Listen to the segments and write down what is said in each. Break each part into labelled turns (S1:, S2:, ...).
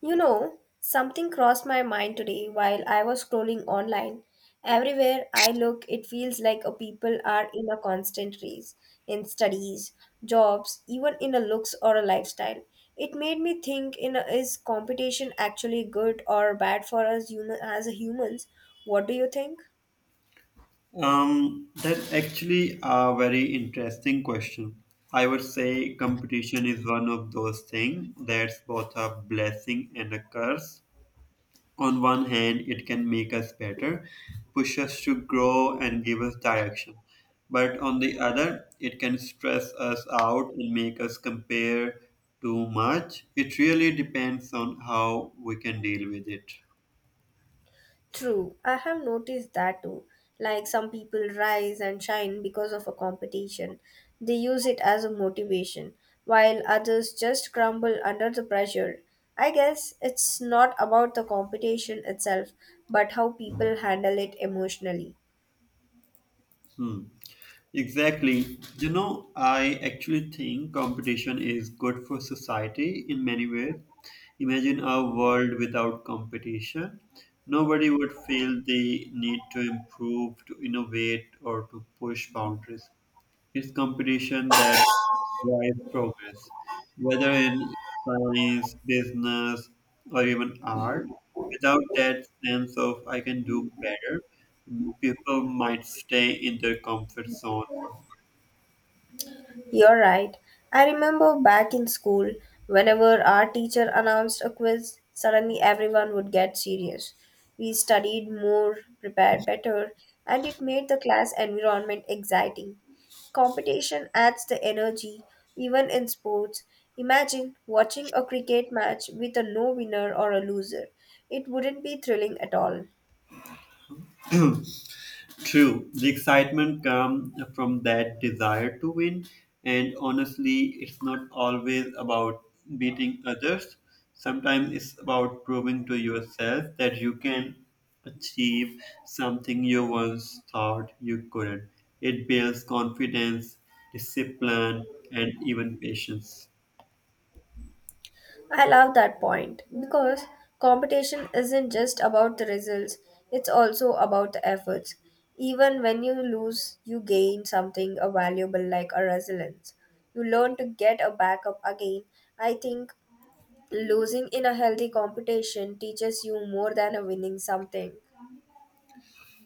S1: You know, something crossed my mind today while I was scrolling online. Everywhere I look, it feels like a people are in a constant race in studies, jobs, even in a looks or a lifestyle. It made me think in a, is competition actually good or bad for us human, as a humans? What do you think?
S2: That's actually a very interesting question. I would say competition is one of those things that's both a blessing and a curse. On one hand, it can make us better, push us to grow, and give us direction. But on the other, it can stress us out and make us compare too much. It really depends on how we can deal with it.
S1: True, I have noticed that too. Like some people rise and shine because of a competition, they use it as a motivation, while others just crumble under the pressure. I guess it's not about the competition itself, but how people handle it emotionally.
S2: Hmm. Exactly. You know, I actually think competition is good for society in many ways. Imagine a world without competition. Nobody would feel they need to improve, to innovate, or to push boundaries. It's competition that drives progress, whether in science, business, or even art. Without that sense of I can do better, people might stay in their comfort zone.
S1: You're right. I remember back in school, whenever our teacher announced a quiz, suddenly everyone would get serious. We studied more, prepared better, and it made the class environment exciting. Competition adds the energy, even in sports. Imagine watching a cricket match with a no winner or a loser. It wouldn't be thrilling at all.
S2: True, the excitement comes from that desire to win, and honestly, it's not always about beating others. Sometimes it's about proving to yourself that you can achieve something you once thought you couldn't. It builds confidence, discipline, and even patience.
S1: I love that point because competition isn't just about the results, it's also about the efforts. Even when you lose, you gain something valuable like a resilience. You learn to get a backup again. I think losing in a healthy competition teaches you more than a winning something.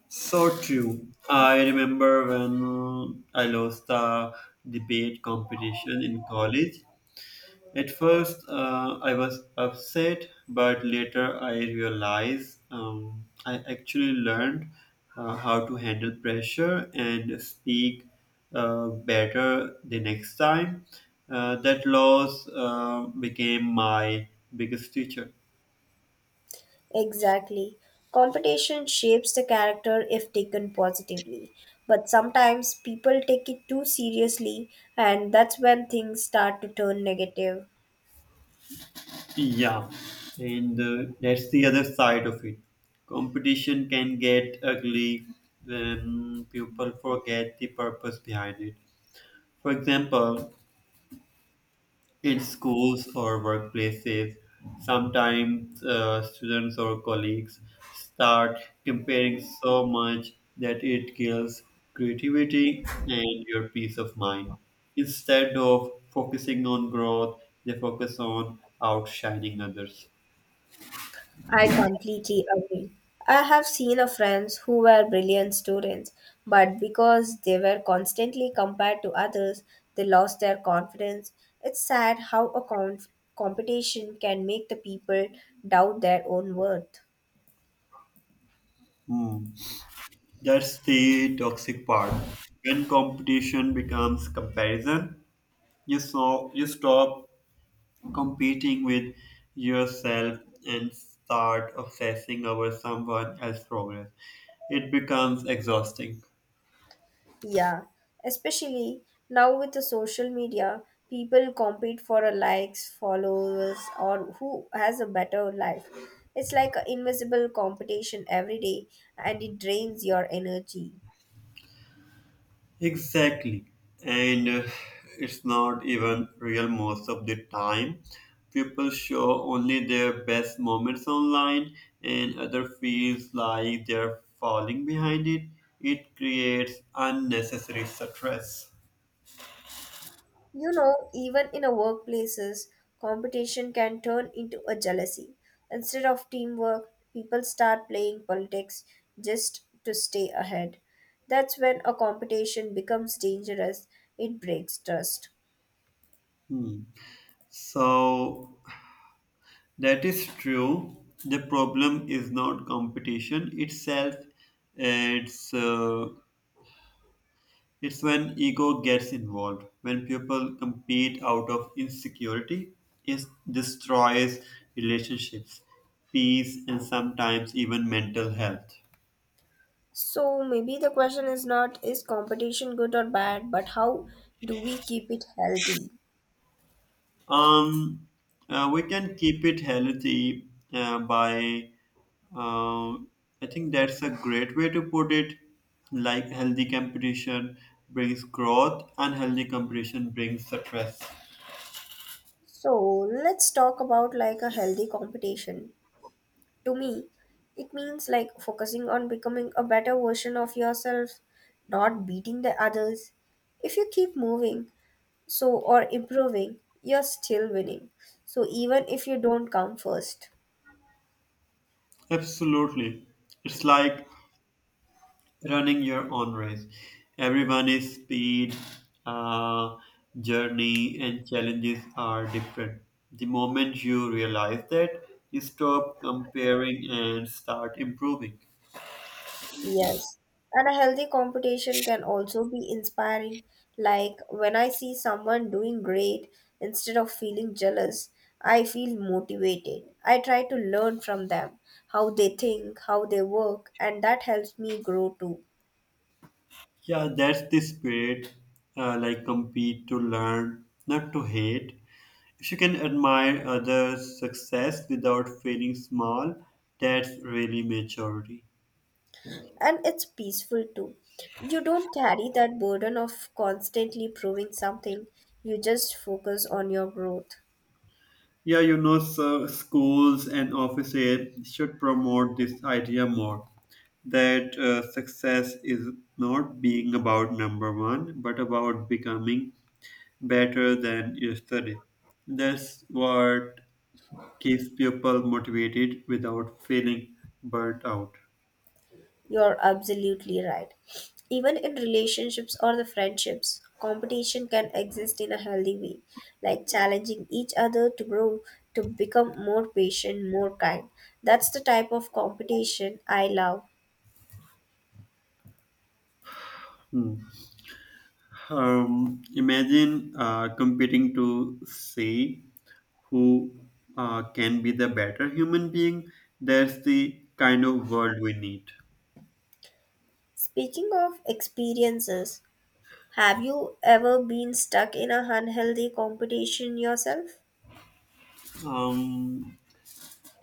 S2: So true. I remember when I lost the debate competition in college. At first, I was upset, but later I realized I actually learned how to handle pressure and speak better the next time. That loss became my biggest teacher.
S1: Exactly. Competition shapes the character if taken positively. But sometimes people take it too seriously, and that's when things start to turn negative.
S2: Yeah, and that's the other side of it. Competition can get ugly when people forget the purpose behind it. For example, in schools or workplaces. Sometimes students or colleagues start comparing so much that it kills creativity and your peace of mind. Instead of focusing on growth, they focus on outshining others.
S1: I completely agree. I have seen a friends who were brilliant students, but because they were constantly compared to others, they lost their confidence. It's sad how a competition can make the people doubt their own worth.
S2: Hmm. That's the toxic part. When competition becomes comparison, you stop competing with yourself and start obsessing over someone else's progress. It becomes exhausting.
S1: Yeah, especially now with the social media, people compete for a likes, followers, or who has a better life. It's like an invisible competition every day and it drains your energy.
S2: Exactly. And it's not even real most of the time. People show only their best moments online, and other feels like they're falling behind it. It creates unnecessary stress.
S1: You know, even in a workplaces, competition can turn into a jealousy. Instead of teamwork, people start playing politics just to stay ahead. That's when a competition becomes dangerous. It breaks trust.
S2: Hmm. So, that is true. The problem is not competition itself. It's uh, it's when ego gets involved. When people compete out of insecurity, it destroys relationships, peace, and sometimes even mental health.
S1: So maybe the question is not is competition good or bad, but how do we keep it healthy?
S2: Um, we can keep it healthy by, uh, I think that's a great way to put it. Like healthy competition brings growth, and healthy competition brings success.
S1: So let's talk about like a healthy competition. To me, it means like focusing on becoming a better version of yourself, not beating the others. If you keep moving, so or improving, you're still winning. So even if you don't come first.
S2: Absolutely. It's like running your own race. Everyone is speed, uh, journey, and challenges are different. The moment you realize that, you stop comparing and start improving.
S1: Yes, and a healthy competition can also be inspiring. Like when I see someone doing great, instead of feeling jealous, I feel motivated. I try to learn from them, how they think, how they work, and that helps me grow too.
S2: Yeah, that's the spirit. Like compete to learn, not to hate. If you can admire others' success without feeling small, that's really maturity.
S1: And it's peaceful too. You don't carry that burden of constantly proving something, you just focus on your growth.
S2: Yeah, you know, so schools and offices should promote this idea more that success is not being about number one, but about becoming better than yesterday. That's what keeps people motivated without feeling burnt out.
S1: You're absolutely right. Even in relationships or the friendships, competition can exist in a healthy way, like challenging each other to grow, to become more patient, more kind. That's the type of competition I love.
S2: Hmm. Imagine competing to see who can be the better human being. That's the kind of world we need.
S1: Speaking of experiences, have you ever been stuck in a unhealthy competition yourself?
S2: Um,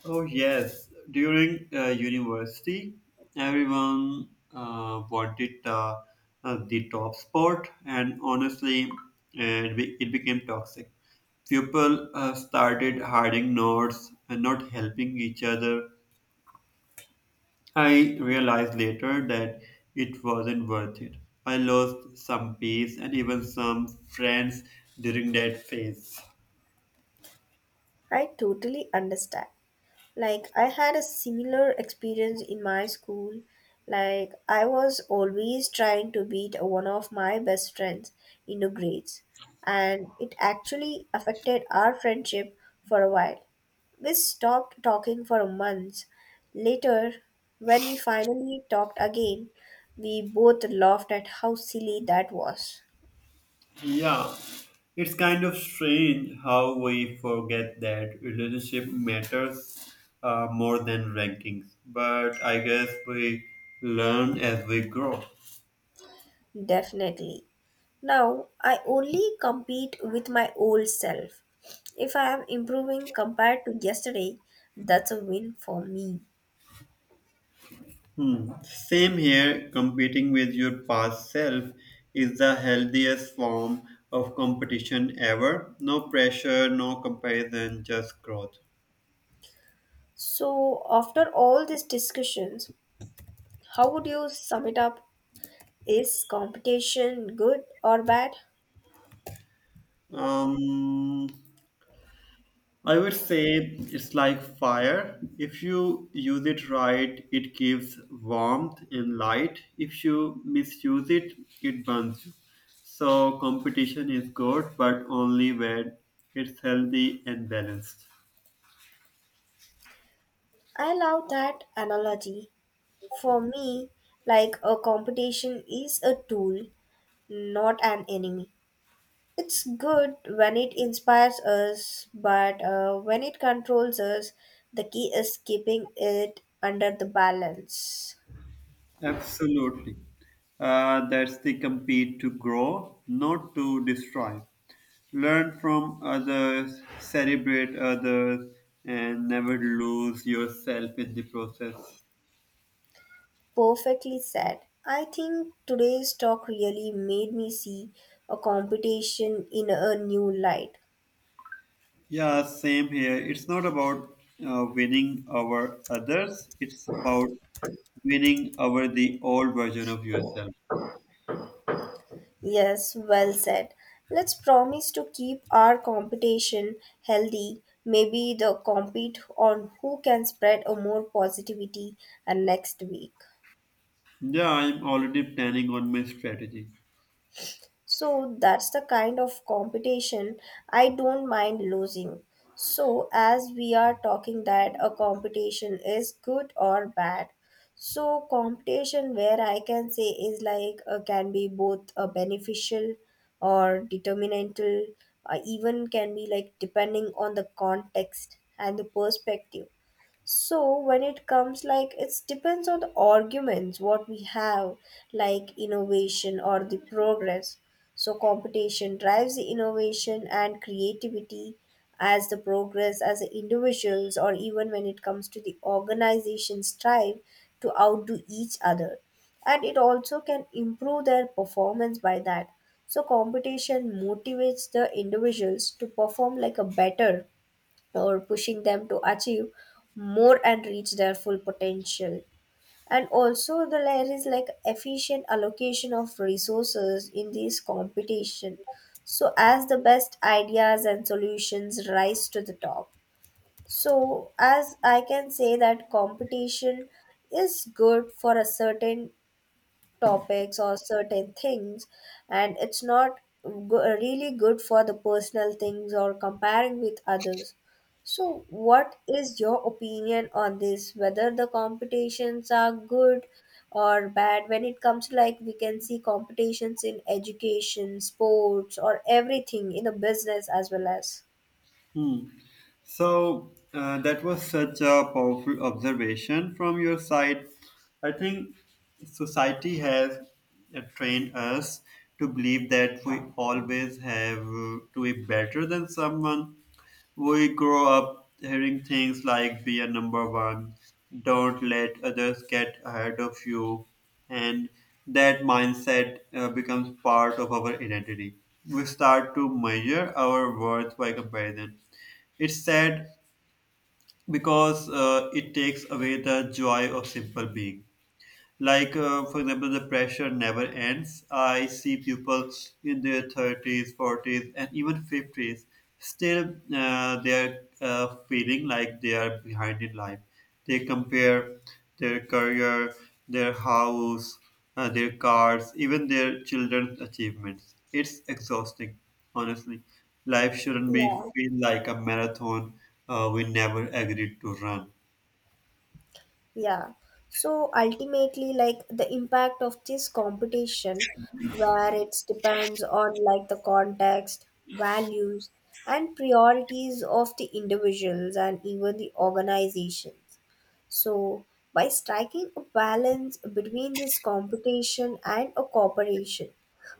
S2: Oh yes, during university, everyone wanted the top spot, and honestly, it became toxic. People started hiding notes and not helping each other. I realized later that it wasn't worth it. I lost some peace and even some friends during that phase.
S1: I totally understand. Like, I had a similar experience in my school. Like, I was always trying to beat one of my best friends in the grades, and it actually affected our friendship for a while. We stopped talking for months. Later, when we finally talked again, we both laughed at how silly that was.
S2: Yeah, it's kind of strange how we forget that relationship matters more than rankings, but I guess we learn as we grow.
S1: Definitely. Now I only compete with my old self. If I am improving compared to yesterday, that's a win for me.
S2: Hmm. Same here, competing with your past self is the healthiest form of competition ever. No pressure, no comparison, just growth.
S1: So, after all these discussions, how would you sum it up? Is competition good or bad?
S2: Um, I would say it's like fire. If you use it right, it gives warmth and light. If you misuse it, it burns you. So competition is good, but only when it's healthy and balanced.
S1: I love that analogy. For me, like a competition is a tool, not an enemy. It's good when it inspires us, but when it controls us, the key is keeping it under the balance.
S2: Absolutely. That's the compete to grow, not to destroy. Learn from others, celebrate others, and never lose yourself in the process.
S1: Perfectly said. I think today's talk really made me see a competition in a new light.
S2: Yeah, same here. It's not about winning over others, it's about winning over the old version of yourself.
S1: Yes, well said. Let's promise to keep our competition healthy. Maybe the compete on who can spread a more positivity next week.
S2: Yeah, I'm already planning on my strategy.
S1: So that's the kind of competition I don't mind losing. So as we are talking that a competition is good or bad. So competition where I can say is like can be both beneficial or determinantal even can be like depending on the context and the perspective, so when it comes like it depends on the arguments what we have like innovation or the progress. So competition drives the innovation and creativity as the progress as the individuals, or even when it comes to the organizations strive to outdo each other, and it also can improve their performance by that. So competition motivates the individuals to perform like a better or pushing them to achieve more and reach their full potential. And also, the layer is like efficient allocation of resources in this competition. So, as the best ideas and solutions rise to the top. So, as I can say that competition is good for a certain topics or certain things and it's not really good for the personal things or comparing with others. So what is your opinion on this, whether the competitions are good or bad, when it comes to like we can see competitions in education, sports, or everything in a business as well as
S2: Hmm. So that was such a powerful observation from your side. I think society has trained us to believe that we always have to be better than someone. We grow up hearing things like be a number one, don't let others get ahead of you, and that mindset becomes part of our identity. We start to measure our worth by comparison. It's sad because it takes away the joy of simple being. Like, for example, the pressure never ends. I see people in their 30s, 40s, and even 50s still they are feeling like they are behind in life. They compare their career, their house, their cars, even their children's achievements. It's exhausting, honestly. Life shouldn't be
S1: yeah.
S2: feel like a marathon we never agreed to run.
S1: Yeah. So ultimately, like the impact of this competition, where it depends on like the context, values, and priorities of the individuals and even the organizations. So, by striking a balance between this competition and a cooperation,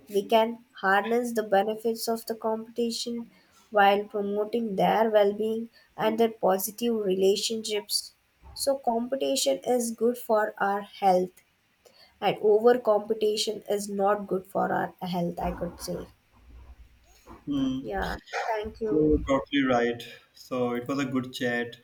S1: we can harness the benefits of the competition while promoting their well being and their positive relationships. So, competition is good for our health, and over competition is not good for our health, I could say.
S2: Hmm.
S1: Yeah, thank
S2: You're
S1: you.
S2: totally right. So it was a good chat.